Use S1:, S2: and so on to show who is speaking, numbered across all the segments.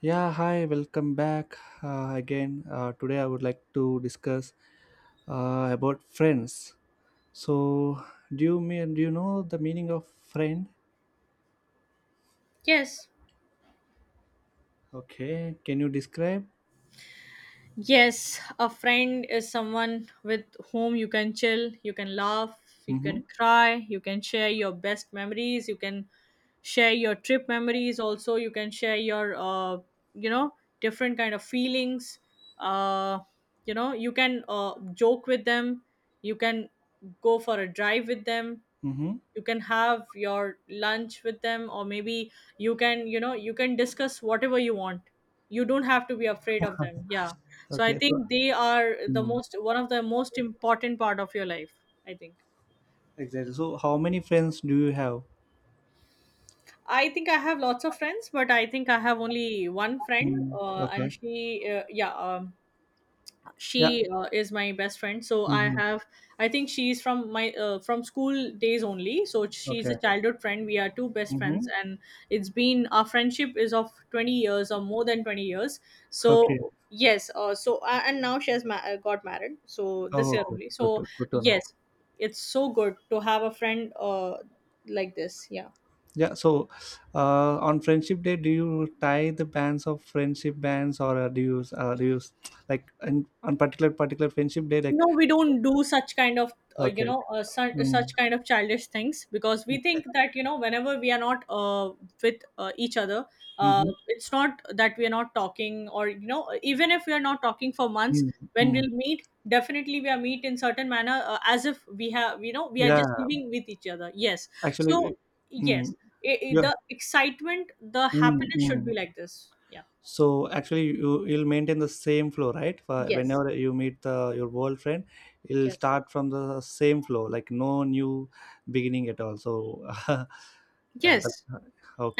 S1: Yeah, hi, welcome back, again. Today I would like to discuss about friends. So, do you know the meaning of friend?
S2: Yes.
S1: Okay, can you describe?
S2: Yes, a friend is someone with whom you can chill, you can laugh, you
S1: Mm-hmm.
S2: can cry, you can share your best memories, you can share your trip memories also, you can share your you know, different kind of feelings. Uh, you can joke with them, you can go for a drive with them,
S1: Mm-hmm.
S2: you can have your lunch with them, or maybe you can you can discuss whatever you want. You don't have to be afraid of them. Yeah, so I
S1: Okay, so
S2: think they are the
S1: mm,
S2: most one of the most important part of your life. i think
S1: exactly. So, how many friends do you have?
S2: i think I have lots of friends, but I think I have only one friend.
S1: Mm, okay.
S2: And she, uh, yeah um,
S1: Yeah.
S2: she is my best friend, so I
S1: Mm-hmm.
S2: have, I think she's from my from school days only, so she's
S1: Okay.
S2: a childhood friend. We are two best friends,
S1: Mm-hmm.
S2: and it's been, our friendship is of 20 years, or more than 20 years. So
S1: Okay.
S2: yes, so and now she has got married, so
S1: Oh,
S2: this year
S1: okay.
S2: only. So
S1: Good to, good to know.
S2: yes, it's so good to have a friend like this. Yeah,
S1: Yeah, so on Friendship Day, do you tie the bands of friendship bands, or do you like in, on particular friendship day? Like,
S2: no, we don't do such kind of uh, you
S1: okay,
S2: know uh, such,
S1: mm,
S2: such kind of childish things, because we
S1: okay,
S2: think that, you know, whenever we are not with each other,
S1: mm-hmm,
S2: it's not that we are not talking, or, you know, even if we are not talking for months,
S1: mm,
S2: when
S1: mm.
S2: we'll meet, definitely we are meet in certain manner, as if we have, you know, we are
S1: Yeah.
S2: just living with each other. Yes, so
S1: Actually, mm,
S2: yes, I
S1: yeah.
S2: the excitement, the
S1: Mm,
S2: happiness should
S1: mm.
S2: be like this. Yeah.
S1: So actually, you'll maintain the same flow, right? For
S2: Yes.
S1: whenever you meet your old friend, you'll
S2: Yes.
S1: start from the same flow, like no new beginning at all. So yeah, that,
S2: Yes.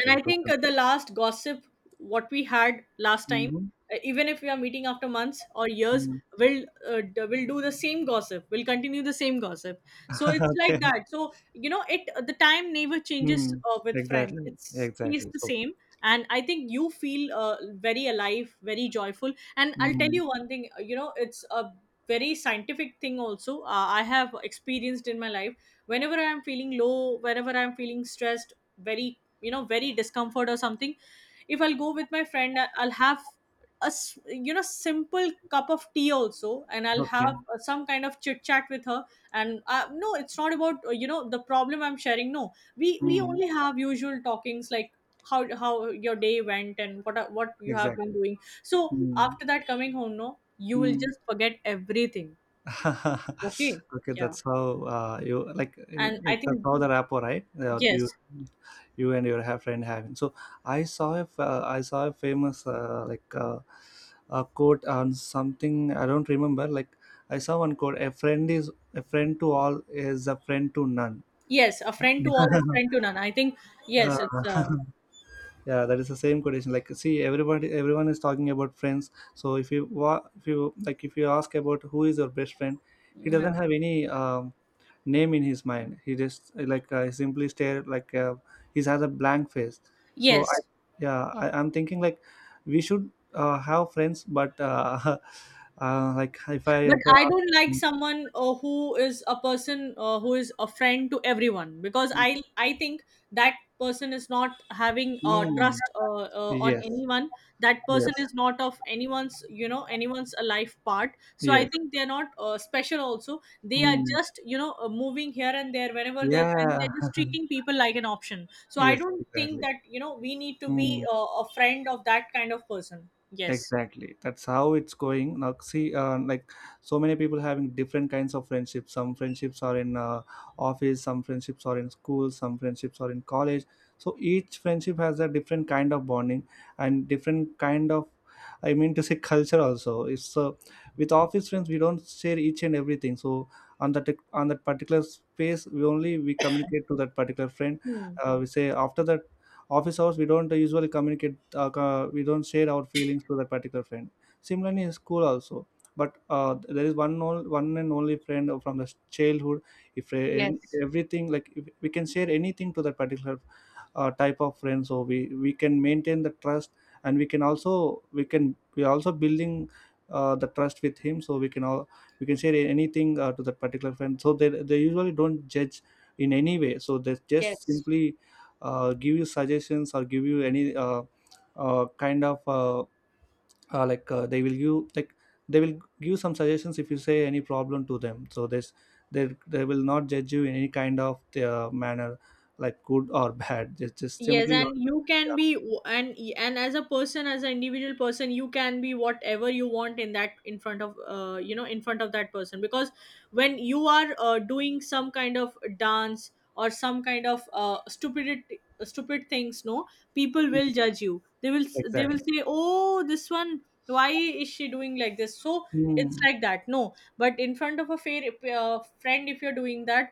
S2: And I
S1: good.
S2: think the last gossip what we had last time,
S1: Mm-hmm.
S2: even if we are meeting after months or years,
S1: Mm.
S2: will will do the same gossip. We will continue the same gossip. So it's like
S1: Okay.
S2: that. So, you know, it the time never changes
S1: Mm.
S2: with friends.
S1: Exactly.
S2: It stays
S1: Exactly.
S2: the
S1: So.
S2: same. And I think you feel very alive, very joyful. And I'll tell
S1: Mm.
S2: you one thing. You know, it's a very scientific thing also. I have experienced in my life. Whenever I am feeling low, whenever I am feeling stressed, very, you know, very discomfort or something, if I'll go with my friend, I'll have you know, simple cup of tea also, and I'll have
S1: Okay.
S2: some kind of chit chat with her. And no, it's not about, you know, the problem I'm sharing, no, we
S1: Mm.
S2: only have usual talkings, like, how your day went and what you have been
S1: Exactly.
S2: doing. So
S1: Mm.
S2: after that, coming home, no, you will
S1: Mm.
S2: just forget everything. Okay.
S1: Okay.
S2: Yeah. And I
S1: That's
S2: think,
S1: how the rapport, right?
S2: yes.
S1: You and your friend having. So I saw a famous like, a quote on something I don't remember. Like, I saw one quote: "A friend is a friend to all is a friend to none."
S2: Yes, a friend to all is friend to none, I think.
S1: uh,
S2: Yes, it's
S1: yeah, that is the same quotation. Like, see, everybody everyone is talking about friends. So if you, like, if you ask about who is your best friend, he
S2: yeah.
S1: doesn't have any name in his mind. He just, like, simply stare, like, he has a blank face. So I
S2: Yes,
S1: Yeah, I'm thinking, like, we should have friends, but like,
S2: but
S1: if I
S2: I
S1: ask.
S2: don't like someone who is a person, who is a friend to everyone, because I think that person is not having
S1: Mm,
S2: trust, on
S1: yes,
S2: anyone. That person
S1: yes,
S2: is not of anyone's, you know, anyone's a life part. So I
S1: yes.
S2: think they're not special. Also, they are
S1: Mm,
S2: just, you know, moving here and there whenever they are, and
S1: yeah,
S2: they're just treating people like an option. So I
S1: yes,
S2: don't think
S1: exactly.
S2: that, you know, we need to be
S1: Hmm.
S2: a friend of that kind of person. Yes.
S1: Exactly. That's how it's going. Now, see, like, so many people having different kinds of friendships. Some friendships are in office, some friendships are in school, some friendships are in college. So each friendship has a different kind of bonding and different kind of, I mean to say, culture also. It's with office friends we don't share each and everything. So on that particular space, we communicate to that particular friend.
S2: Hmm.
S1: We say after that office hours we don't usually communicate, we don't share our feelings to that particular friend. Similarly in school also, but there is one and only friend from the childhood, if e-
S2: Yes.
S1: everything, like if we can share anything to that particular type of friend, so we can maintain the trust, and we can also we can we are also building the trust with him, so we can share anything to that particular friend, so they usually don't judge in any way, so they just
S2: Yes.
S1: simply give you suggestions or give you any kind of uh, like uh, they will give like they will give some suggestions if you say any problem to them, so they will not judge you in any kind of manner, like good or bad, just
S2: Yes,
S1: simply.
S2: and you can
S1: Yeah.
S2: be, and as a person, as an individual person, you can be whatever you want in that, in front of, you know, in front of that person, because when you are doing some kind of dance or some kind of stupid things, no, people
S1: Mm,
S2: will judge you. They will, they will
S1: exactly.
S2: say, oh, this one, why is she doing like this? So it's
S1: Hmm.
S2: like that. No, but in front of a fair friend, if you're doing that,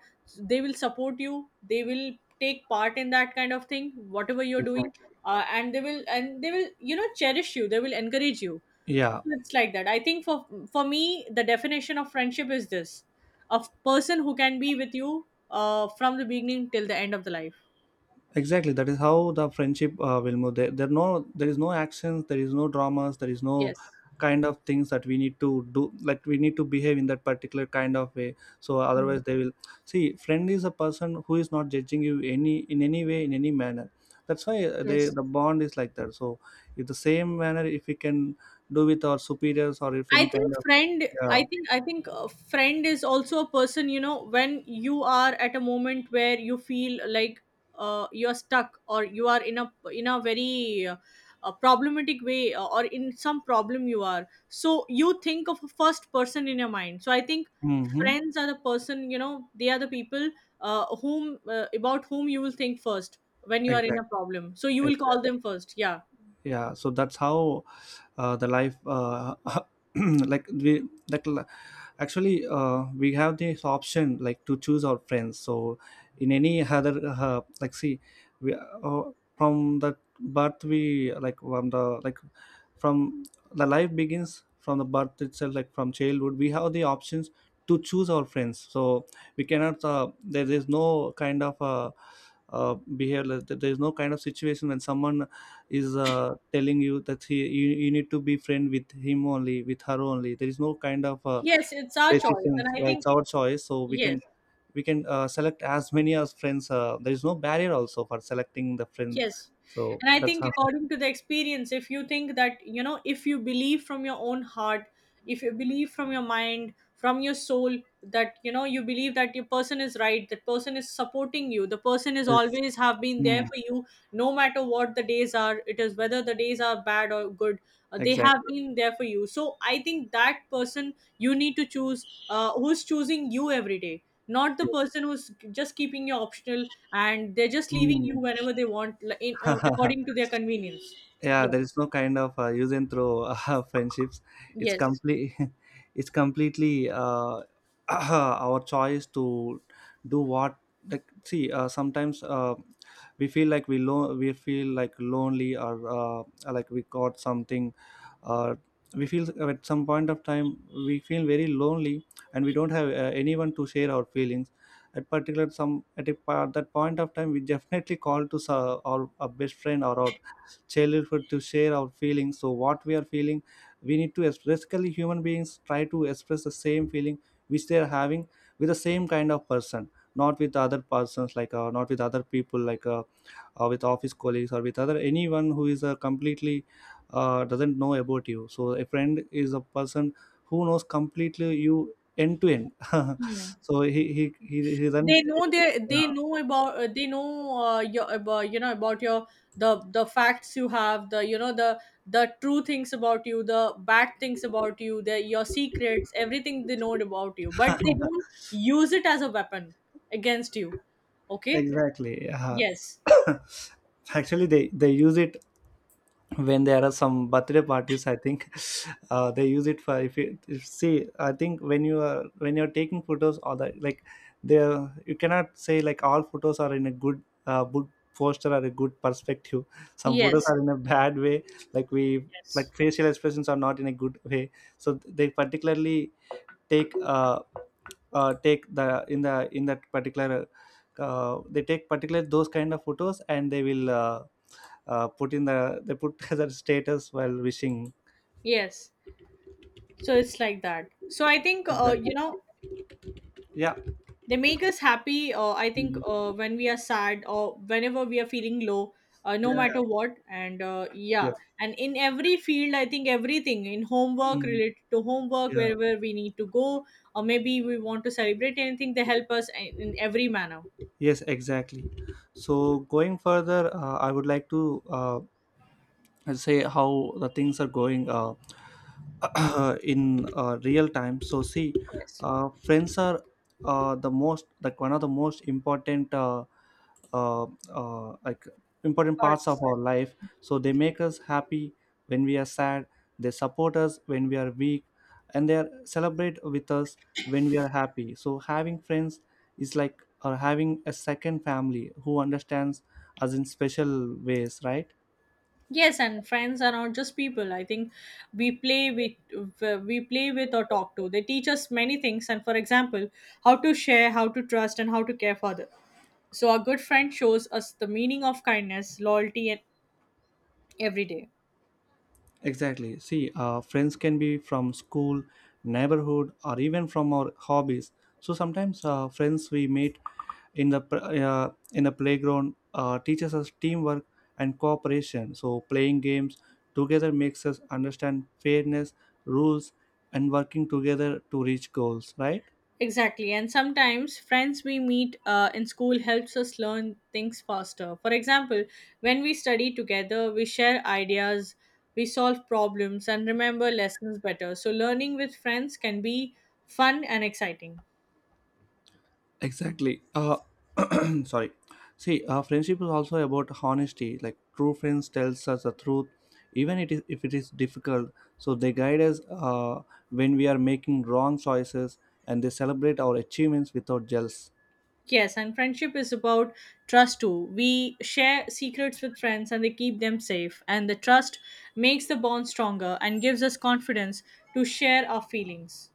S2: they will support you, they will take part in that kind of thing, whatever you're doing.
S1: Exactly,
S2: And they will, and they will, you know, cherish you, they will encourage you.
S1: yeah,
S2: So it's like that. I think for me, the definition of friendship is this: person who can be with you from the beginning till the end of the life.
S1: exactly, that is how the friendship will move. There, no, there is no actions, there is no dramas, there is no
S2: Yes.
S1: kind of things that we need to do, like we need to behave in that particular kind of way, so otherwise
S2: Mm.
S1: they will. See, friend is a person who is not judging you, any in any way, in any manner. That's why,
S2: Yes,
S1: the bond is like that. So if the same manner if we can do with our superiors, or if any
S2: I
S1: kind
S2: think
S1: of.
S2: friend,
S1: Yeah.
S2: I think a friend is also a person, you know, when you are at a moment where you feel like you're stuck, or you are in a, in a very a problematic way, or in some problem you are, so you think of a first person in your mind. So I think
S1: Mm-hmm.
S2: friends are the person, you know, they are the people whom about whom you will think first when you are in a
S1: Exactly.
S2: problem, so you will call
S1: Exactly.
S2: them first. Yeah,
S1: Yeah. So that's how, the life, like we like li- actually, we have this option, like, to choose our friends. So in any other like, see, we from the birth we like from the like from the life begins from the birth itself, like, from childhood we have the options to choose our friends. So we cannot there is no kind of behavior, there is no kind of situation when someone is telling you that he you need to be friend with him only, with her only. There is no kind of
S2: yes, it's our choice. And
S1: decisions.
S2: I
S1: Yeah, it's
S2: think,
S1: our choice, so
S2: yes.
S1: we can select as many as friends. There is no barrier also for selecting the friend.
S2: Yes.
S1: So
S2: And I
S1: that's
S2: think
S1: how.
S2: according to the experience, if you think that, you know, if you believe from your own heart, if you believe from your mind, from your soul, that, you know, you believe that your person is right, that person is supporting you, the person is
S1: Yes.
S2: always have been there
S1: Mm,
S2: for you, no matter what the days are, it is whether the days are bad or good, they have
S1: exactly.
S2: been there for you. So I think that person you need to choose, who's choosing you every day, not the
S1: Yes.
S2: person who's just keeping you optional, and they're just leaving
S1: Mm.
S2: you whenever they want, like, in, according to their convenience.
S1: Yeah,
S2: Yes,
S1: there is no kind of use and throw friendships. It's
S2: yes.
S1: complete It's completely, our choice to do what. Like, see, sometimes, we feel like lonely, or like we got something, uh, we feel at some point of time we feel very lonely, and we don't have anyone to share our feelings at particular some at a, pa- that point of time we definitely call to our best friend or our childhood, to share our feelings. So what we are feeling, we need to ex- basically human beings try to express the same feeling which they are having, with the same kind of person, not with other persons like not with other people, with office colleagues or with other anyone who is completely doesn't know about you, so a friend is a person who knows completely you, end to end.
S2: Hmm.
S1: So he doesn't.
S2: They know, they
S1: Yeah.
S2: know about, they know your, about, you know, about your, the facts you have, the, you know, the true things about you, the bad things about you, the, your secrets, everything they know about you, but they don't use it as a weapon against you. Okay.
S1: Exactly. Yeah.
S2: Yes.
S1: Actually, they use it when there are some birthday parties. I think. They use it for if you if, see, I think when you are when you're taking photos, or the like, there you cannot say like all photos are in a good posture or a good perspective. Some photos
S2: Yes.
S1: are in a bad way. Like we
S2: Yes.
S1: like, facial expressions are not in a good way. So they particularly take take the in that particular, they take particular those kind of photos, and they will put in the they put as status while wishing.
S2: Yes, so it's like that. So I think,
S1: Exactly,
S2: you know,
S1: yeah.
S2: they make us happy, I think,
S1: Mm.
S2: when we are sad or whenever we are feeling low, no
S1: Yeah, yeah,
S2: matter what. And
S1: yeah.
S2: yeah, and in every field, I think everything in homework,
S1: Mm.
S2: related to homework,
S1: Yeah.
S2: wherever we need to go, or maybe we want to celebrate anything, they help us in every manner.
S1: Yes, exactly. So going further, I would like to uh, and say how the things are going, in real time. So, see,
S2: Yes.
S1: friends are the most like one of the most important, uh, uh, like important parts of
S2: Arts.
S1: our life, so they make us happy when we are sad, they support us when we are weak, and they are celebrate with us when we are happy. So having friends is like or having a second family who understands us in special ways, right?
S2: Yes, and friends are not just people. I think we play with or talk to. They teach us many things, and, for example, how to share, how to trust, and how to care for others. So a good friend shows us the meaning of kindness, loyalty, and every day.
S1: Exactly. See, friends can be from school, neighborhood, or even from our hobbies. So sometimes friends we meet in the playground teaches us teamwork and cooperation. So playing games together makes us understand fairness, rules, and working together to reach goals. Right?
S2: Exactly, and sometimes friends we meet in school helps us learn things faster. For example, when we study together, we share ideas, we solve problems, and remember lessons better. So learning with friends can be fun and exciting.
S1: Exactly. Sorry. See, friendship is also about honesty. Like, true friends tells us the truth, even it is if it is difficult. So they guide us when we are making wrong choices, and they celebrate our achievements without jealous.
S2: Yes, and friendship is about trust too. We share secrets with friends and they keep them safe, and the trust makes the bond stronger and gives us confidence to share our feelings.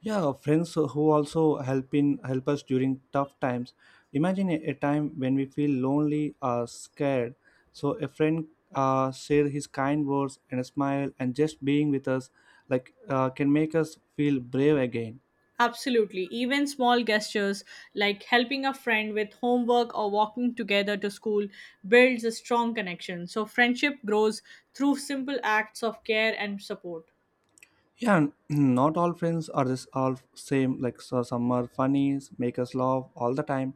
S1: Yeah, friends who also help us during tough times. Imagine a time when we feel lonely or scared. So a friend share his kind words and a smile, and just being with us, can make us feel brave again.
S2: Absolutely. Even small gestures like helping a friend with homework or walking together to school builds a strong connection. So friendship grows through simple acts of care and support.
S1: Yeah, not all friends are this all same. Like, so some are funny, make us laugh all the time.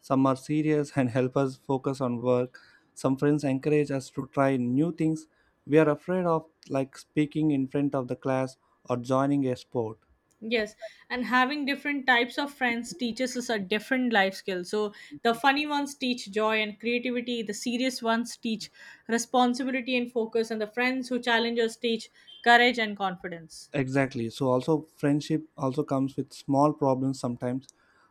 S1: Some are serious and help us focus on work. Some friends encourage us to try new things. We are afraid of, like, speaking in front of the class or joining a sport.
S2: Yes, and having different types of friends teaches us a different life skill. So the funny ones teach joy and creativity, the serious ones teach responsibility and focus, and the friends who challenge us teach courage and confidence.
S1: Exactly. So also friendship also comes with small problems sometimes.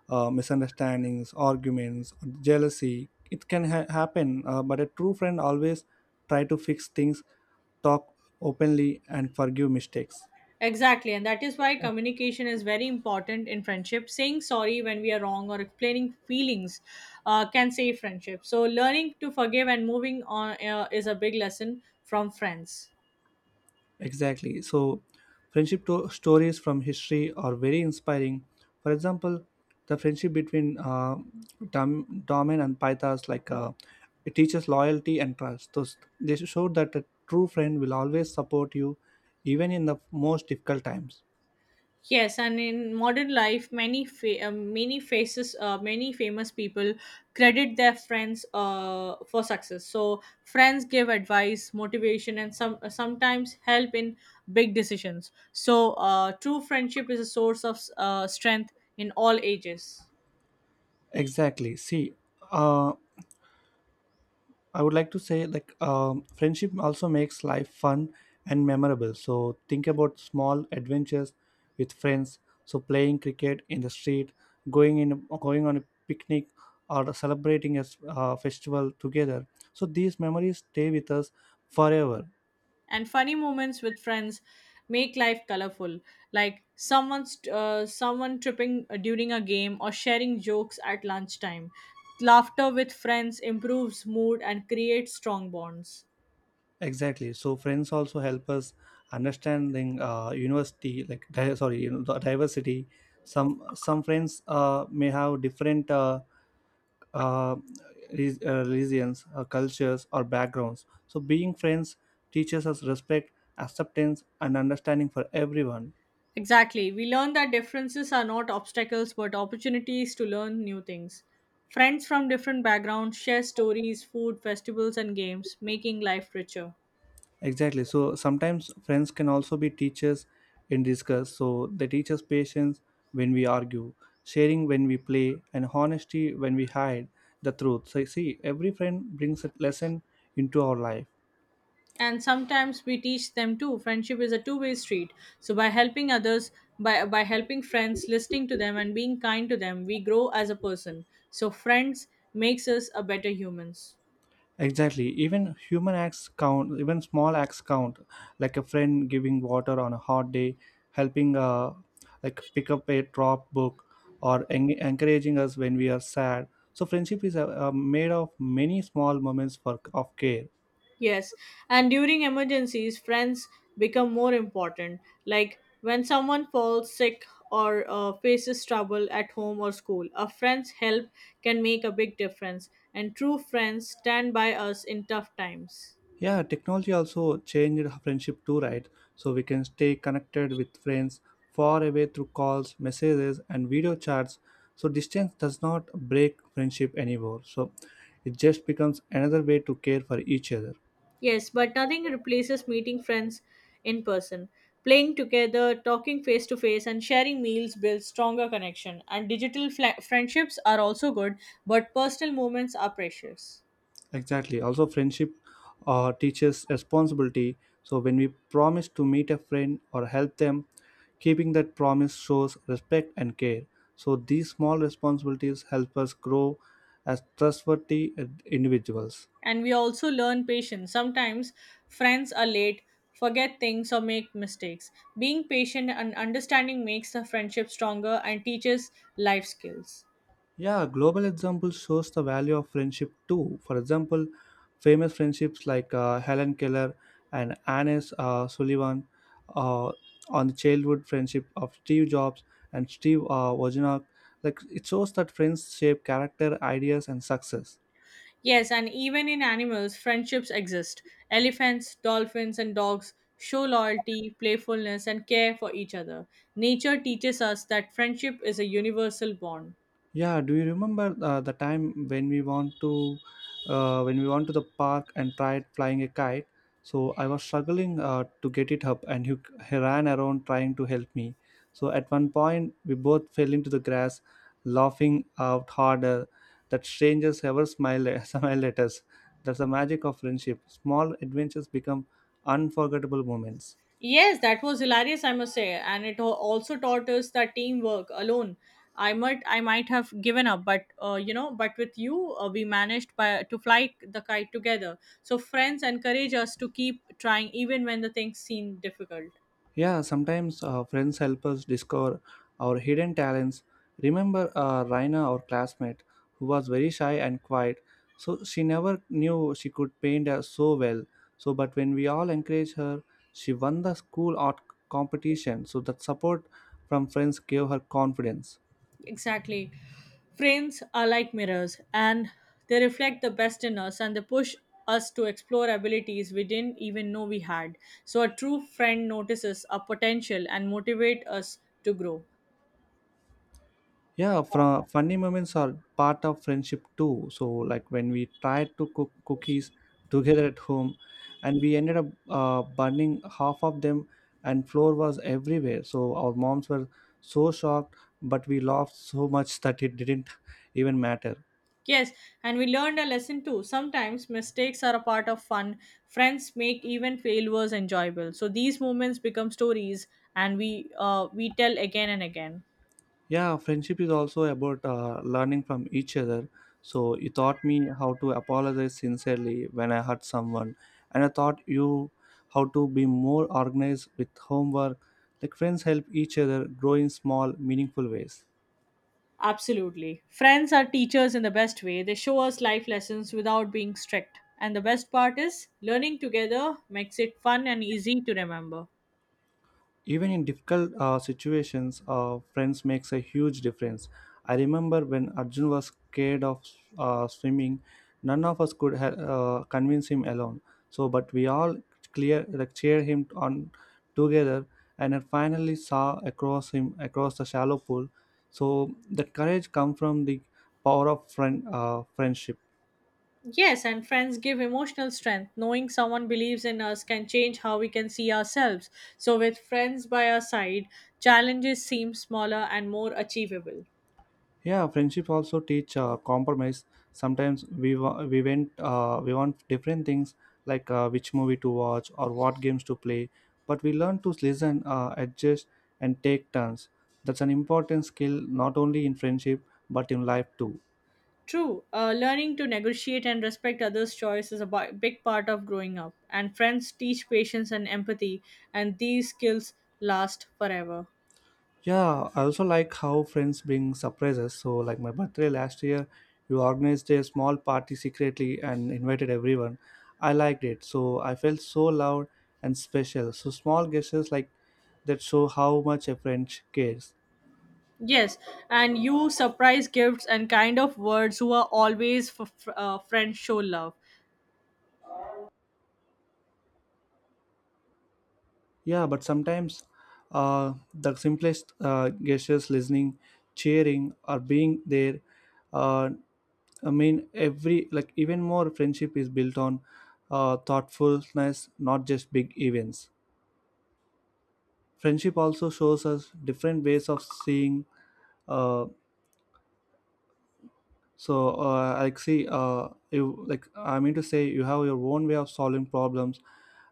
S1: Misunderstandings, arguments, jealousy, it can happen, but a true friend always try to fix things, talk openly, and forgive mistakes.
S2: Exactly, and that is why communication is very important in friendship. Saying sorry when we are wrong or explaining feelings can save friendship. So learning to forgive and moving on is a big lesson from friends.
S1: Exactly. So, friendship stories from history are very inspiring. For example, the friendship between Daman and Pythas, it teaches loyalty and trust. Those They show that a true friend will always support you, even in the most difficult times.
S2: Yes, and in modern life, many many faces, many famous people credit their friends for success. So friends give advice, motivation, and some, sometimes help in big decisions. So true friendship is a source of strength in all ages.
S1: Exactly. See, uh, I would like to say, like, friendship also makes life fun and memorable. So think about small adventures with friends. So playing cricket in the street, going on a picnic, or celebrating a festival together. So these memories stay with us forever.
S2: And funny moments with friends make life colorful, like someone tripping during a game or sharing jokes at lunchtime. Laughter with friends improves mood and creates strong bonds.
S1: Exactly. So friends also help us understanding university, sorry, the diversity. Some friends may have different. Uh, religions, cultures, or backgrounds. So, being friends teaches us respect, acceptance, and understanding for everyone.
S2: Exactly, we learn that differences are not obstacles but opportunities to learn new things. Friends from different backgrounds share stories, food, festivals and games, making life richer.
S1: Exactly. So, sometimes friends can also be teachers in discuss. So, they teach us patience when we argue, sharing when we play, and honesty when we hide the truth. So, you see, every friend brings a lesson into our life.
S2: And sometimes we teach them too. Friendship is a two-way street, so by helping others, by helping friends, listening to them and being kind to them, we grow as a person. So friends makes us a better humans.
S1: Exactly. Even human acts count, even small acts count, like a friend giving water on a hot day, helping like pick up a drop book, or encouraging us when we are sad. So friendship is made of many small moments for, of care.
S2: Yes, and during emergencies, friends become more important, like when someone falls sick or faces trouble at home or school, a friend's help can make a big difference, and true friends stand by us in tough times.
S1: Yeah, technology also changed friendship too, right? So we can stay connected with friends far away through calls, messages, and video chats. So distance does not break friendship anymore. So it just becomes another way to care for each other.
S2: Yes, but nothing replaces meeting friends in person. Playing together, talking face to face, and sharing meals builds stronger connection. And friendships are also good, but personal moments are precious.
S1: Exactly. Also, friendship teaches responsibility. So, when we promise to meet a friend or help them, keeping that promise shows respect and care. So, these small responsibilities help us grow as trustworthy individuals.
S2: And we also learn patience. Sometimes friends are late, forget things, or make mistakes. Being patient and understanding makes the friendship stronger and teaches life skills.
S1: Yeah, global example shows the value of friendship too. For example, famous friendships like Helen Keller and Annes Sullivan, uh, on the childhood friendship of Steve Jobs and Steve Wozniak, like it shows that friends shape character, ideas, and success.
S2: Yes, and even in animals, friendships exist. Elephants, dolphins, and dogs show loyalty, playfulness, and care for each other. Nature teaches us that friendship is a universal bond.
S1: Yeah, do you remember the time when we want to when we went to the park and tried flying a kite? So I was struggling to get it up, and he ran around trying to help me. So at one point, we both fell into the grass, laughing out harder that strangers ever smiled smiled at us. That's the magic of friendship. Small adventures become unforgettable moments.
S2: Yes, that was hilarious, I must say, and it also taught us that teamwork alone. I might have given up, but but with you, we managed by, to fly the kite together. So friends encourage us to keep trying, even when the things seem difficult.
S1: Yeah, sometimes friends help us discover our hidden talents. Remember Raina, our classmate, who was very shy and quiet. So she never knew she could paint so well. So, but when we all encouraged her, she won the school art competition. So that support from friends gave her confidence.
S2: Exactly. Frames are like mirrors, and they reflect the best in us, and they push us to explore abilities we didn't even know we had. So a true friend notices our potential and motivates us to grow.
S1: Yeah, from funny moments are part of friendship too. So like when we tried to cook cookies together at home and we ended up burning half of them and flour was everywhere. So our moms were so shocked, but we laughed so much that it didn't even matter.
S2: Yes, and we learned a lesson too. Sometimes mistakes are a part of fun. Friends make even failures enjoyable. So these moments become stories, and we tell again and again.
S1: Yeah, friendship is also about learning from each other. So you taught me how to apologize sincerely when I hurt someone, and I taught you how to be more organized with homework. Like friends help each other grow in small meaningful ways.
S2: Absolutely. Friends are teachers in the best way. They show us life lessons without being strict. And the best part is, learning together makes it fun and easy to remember.
S1: Even in difficult situations friends makes a huge difference. I remember when Arjun was scared of swimming. None of us could convince him alone. So but we all clear like cheered him on together, and I finally saw across him across the shallow pool. So that courage come from the power of friendship.
S2: Yes, and friends give emotional strength. Knowing someone believes in us can change how we can see ourselves. So with friends by our side, challenges seem smaller and more achievable.
S1: Yeah, friendship also teach compromise. Sometimes we wa- we went we want different things, like which movie to watch or what games to play, but we learn to listen, adjust, and take turns. That's an important skill not only in friendship but in life too.
S2: True, learning to negotiate and respect others' choice is a big part of growing up, and friends teach patience and empathy, and these skills last forever.
S1: Yeah, I also like how friends bring surprises. So, like my birthday last year, you organized a small party secretly and invited everyone. I liked it. So, I felt so loud and special. So, small gestures like that show how much a friend cares.
S2: Yes, and you surprise gifts and kind of words who are always friends show love.
S1: Yeah, but sometimes the simplest gestures, listening, cheering, or being there, uh, every like even more friendship is built on thoughtfulness, not just big events. Friendship also shows us different ways of seeing. Uh, so like see You like I mean to say you have your own way of solving problems,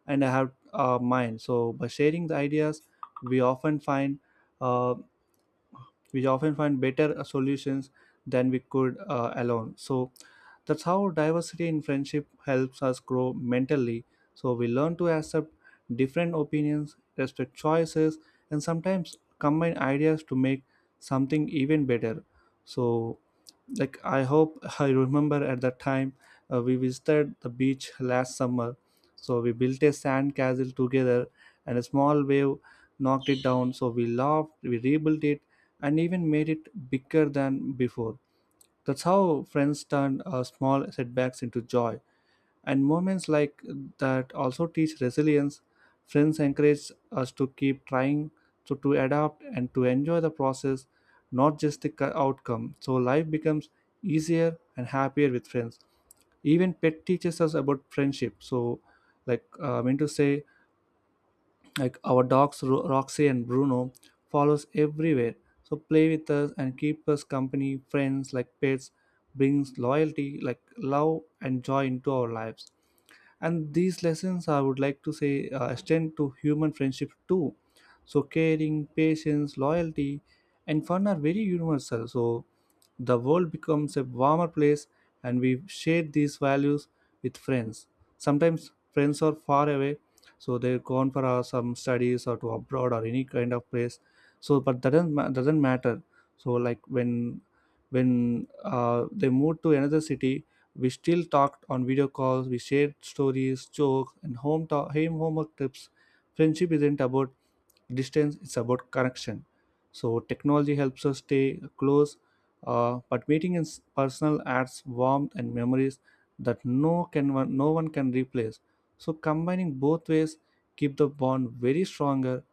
S1: and I have mine. So by sharing the ideas, we often find uh, better solutions than we could alone. So that's how diversity in friendship helps us grow mentally. So we learn to accept different opinions, respect choices, and sometimes combine ideas to make something even better. So like I hope I remember at that time we visited the beach last summer. So we built a sand castle together, and a small wave knocked it down. So we laughed, we rebuilt it, and even made it bigger than before. That's how friends turn small setbacks into joy, and moments like that also teach resilience. Friends encourage us to keep trying, to adapt, and to enjoy the process, not just the outcome. So life becomes easier and happier with friends. Even pet teaches us about friendship. So, like like our dogs Roxy and Bruno follows everywhere. So play with us and keep us company. Friends like pets brings loyalty, like love and joy into our lives, and these lessons I would like to say extend to human friendship too. So caring, patience, loyalty, and fun are very universal. So the world becomes a warmer place, and we share these values with friends. Sometimes friends are far away, so they're gone for some studies or to abroad or any kind of place. So but that doesn't matter. So like when they move to another city, we still talked on video calls, we shared stories, jokes, and homework tips. Friendship isn't about distance, it's about connection. So, technology helps us stay close, but meeting in personal adds warmth and memories that no one can replace. So, combining both ways keep the bond very stronger.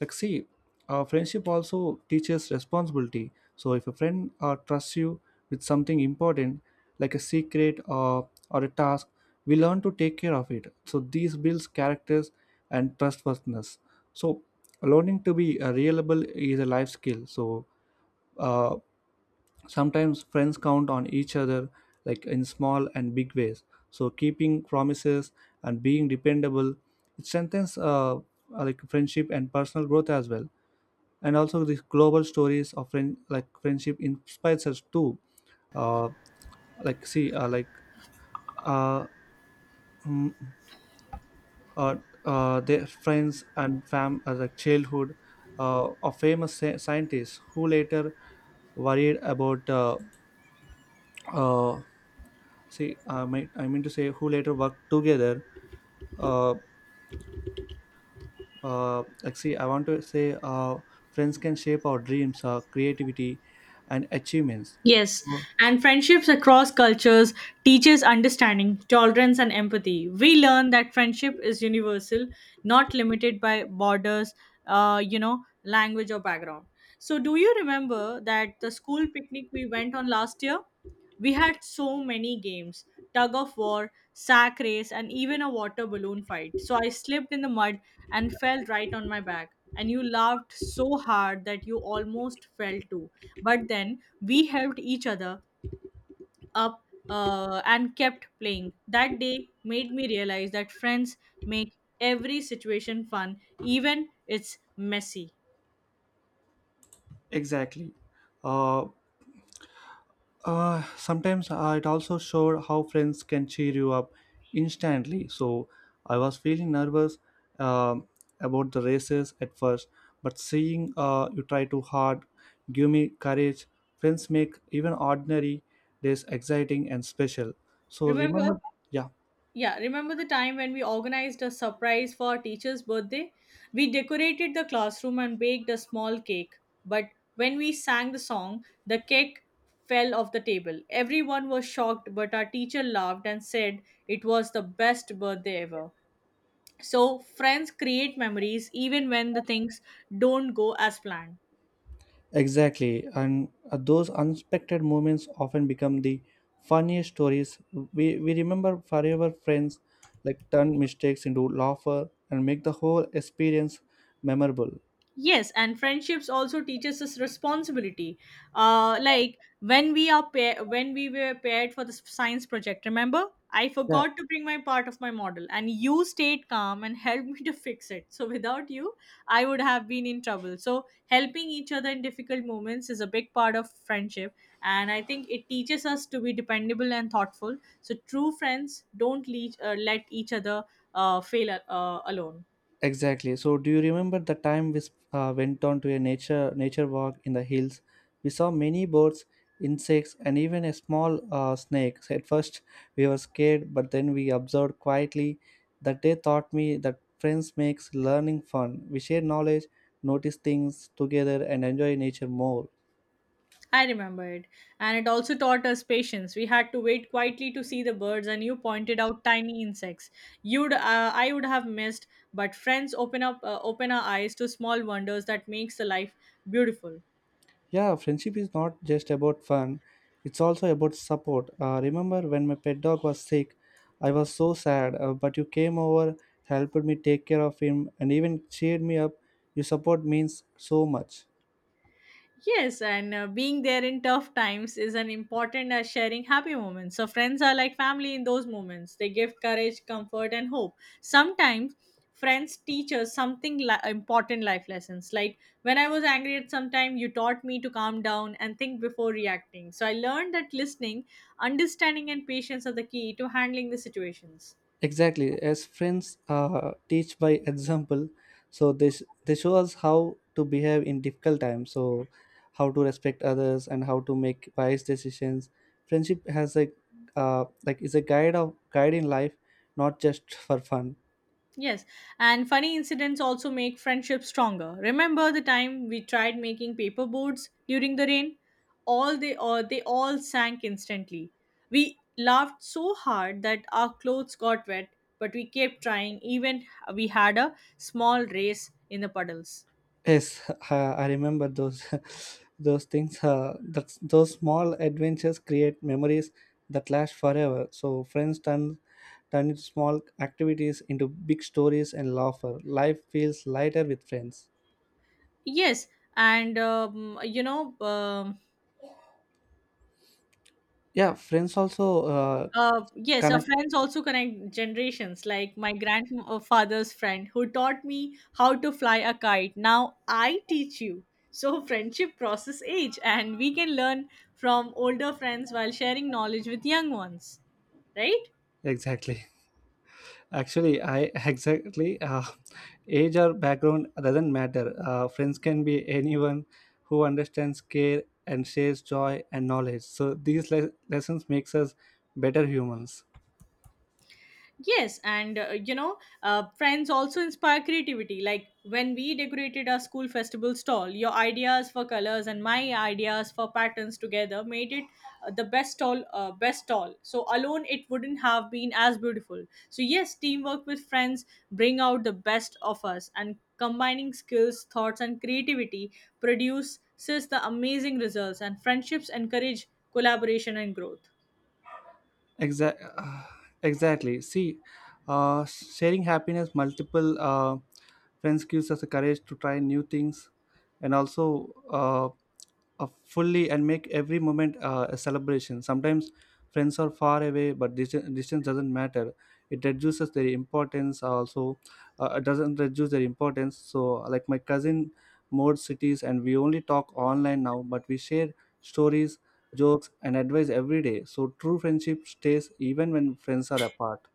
S1: Like see, our friendship also teaches responsibility. So if a friend trusts you with something important, like a secret or a task, we learn to take care of it. So these builds characters and trustworthiness. So learning to be reliable is a life skill. Uh, Sometimes friends count on each other, like in small and big ways. So keeping promises and being dependable, it strengthens like friendship and personal growth as well. And also these global stories of friendship inspires us too. Uh, like see like uh, mm, uh, their friends and fam like childhood of famous scientists who later worried about uh, see I might I mean to say who later worked together. Uh, like see I want to say Friends can shape our dreams, creativity, and achievements.
S2: Yes,
S1: so,
S2: and friendships across cultures teaches understanding, tolerance and empathy. We learn that friendship is universal, not limited by borders, language or background. So do you remember that the school picnic we went on last year? We had so many games, tug of war, sack race, and even a water balloon fight. So I slipped in the mud and fell right on my back. And you laughed so hard that you almost fell too. But then we helped each other up and kept playing. That day made me realize that friends make every situation fun, even it's messy.
S1: exactly. uh, Sometimes it also showed how friends can cheer you up instantly. So I was feeling nervous, um, about the races at first, but seeing you try too hard give me courage. Friends make even ordinary days exciting and special. So
S2: Remember,
S1: remember, yeah.
S2: yeah, remember the time when we organized a surprise for our teacher's birthday? We decorated the classroom and baked a small cake. But when we sang the song, the cake fell off the table. Everyone was shocked, but our teacher laughed and said it was the best birthday ever. So friends create memories even when the things don't go as planned.
S1: Exactly, and those unexpected moments often become the funniest stories. We remember forever. Friends like turn mistakes into laughter and make the whole experience memorable.
S2: Yes, and friendships also teaches us responsibility, like when we were paired for the science project. Remember, I
S1: Yeah.
S2: forgot to bring my part of my model, and you stayed calm and helped me to fix it. So without you, I would have been in trouble. So helping each other in difficult moments is a big part of friendship, and I think it teaches us to be dependable and thoughtful. So true friends don't let each other fail alone.
S1: Exactly. So, do you remember the time went on to a nature walk in the hills? We saw many birds, insects, and even a small snake. So at first, we were scared, but then we observed quietly. That day taught me that friends makes learning fun. We share knowledge, notice things together, and enjoy nature more.
S2: I remembered. And it also taught us patience. We had to wait quietly to see the birds, and you pointed out tiny insects. I would have missed, but friends open our eyes to small wonders that makes the life beautiful.
S1: Yeah, friendship is not just about fun, it's also about support. Remember when my pet dog was sick, I was so sad, but you came over, helped me take care of him, and even cheered me up. Your support means so much.
S2: Yes, and being there in tough times is an important as sharing happy moments. So friends are like family in those moments. They give courage, comfort, and hope. Sometimes friends teach us something important life lessons. Like when I was angry at some time, you taught me to calm down and think before reacting. So I learned that listening, understanding, and patience are the key to handling the situations.
S1: Exactly, as friends teach by example, so they show us how to behave in difficult times. So, how to respect others and how to make wise decisions. Friendship has a is a guide in life, not just for fun.
S2: Yes, and funny incidents also make friendships stronger. Remember the time we tried making paper boards during the rain? All they or they all sank instantly. We laughed so hard that our clothes got wet, but we kept trying, even we had a small race in the puddles.
S1: Yes, I remember those those things. That Those small adventures create memories that last forever. So friends turn small activities into big stories and laughter. Life feels lighter with friends.
S2: Yes, and
S1: Yeah, friends also
S2: Yes, our
S1: connect.
S2: friends also connect generations. Like my grandfather's friend who taught me how to fly a kite. Now I teach you. So friendship crosses age, and we can learn from older friends while sharing knowledge with young ones, right?
S1: Exactly. Actually, I exactly age or background doesn't matter. Friends can be anyone who understands care and shares joy and knowledge. So these lessons makes us better humans.
S2: Yes, and friends also inspire creativity. Like when we decorated our school festival stall, your ideas for colors and my ideas for patterns together made it the best stall. So alone, it wouldn't have been as beautiful. So yes, teamwork with friends bring out the best of us, and combining skills, thoughts, and creativity produces the amazing results. And friendships encourage collaboration and growth.
S1: Exact, exactly. See, sharing happiness multiple friends gives us the courage to try new things, and also fully and make every moment a celebration. Sometimes friends are far away, but distance doesn't matter. It reduces their importance. Also, it doesn't reduce their importance. So, like my cousin moved cities, and we only talk online now, but we share stories, jokes, and advice every day. So, true friendship stays even when friends are apart.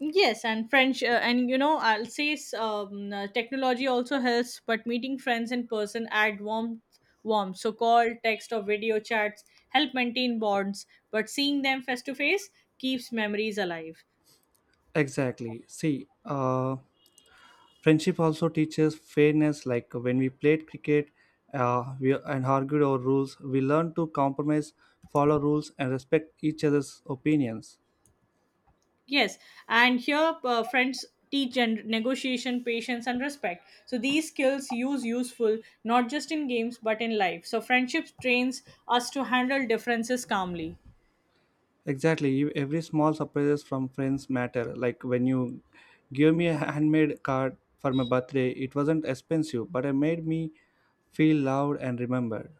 S2: Yes, and French, and you know, I'll say s- technology also helps, but meeting friends in person add warmth. Warmth. So call, text, or video chats help maintain bonds, but seeing them face to face keeps memories alive.
S1: Exactly. See, friendship also teaches fairness. Like when we played cricket, we and argued over rules, we learned to compromise, follow rules, and respect each other's opinions.
S2: Yes, and here friends teach and negotiation, patience, and respect. So these skills use useful not just in games but in life. So friendships trains us to handle differences calmly.
S1: Exactly. Every small surprises from friends matter. Like when you give me a handmade card for my birthday, it wasn't expensive, but it made me feel loved and remembered.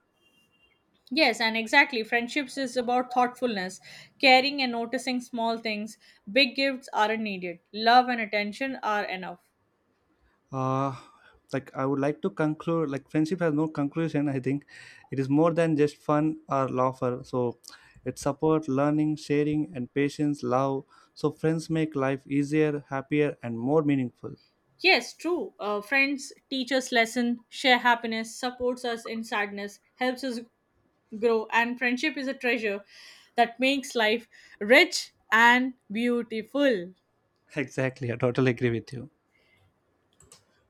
S2: Yes, and exactly. Friendships is about thoughtfulness, caring and noticing small things. Big gifts aren't needed. Love and attention are enough.
S1: uh I would like to conclude, like friendship has no conclusion, I think. It is more than just fun or laughter. So it support learning, sharing, and patience, love. So friends make life easier, happier, and more meaningful.
S2: Yes, true. Friends teach us lesson, share happiness, supports us in sadness, helps us grow, and friendship is a treasure that makes life rich and beautiful.
S1: Exactly, I totally agree with you.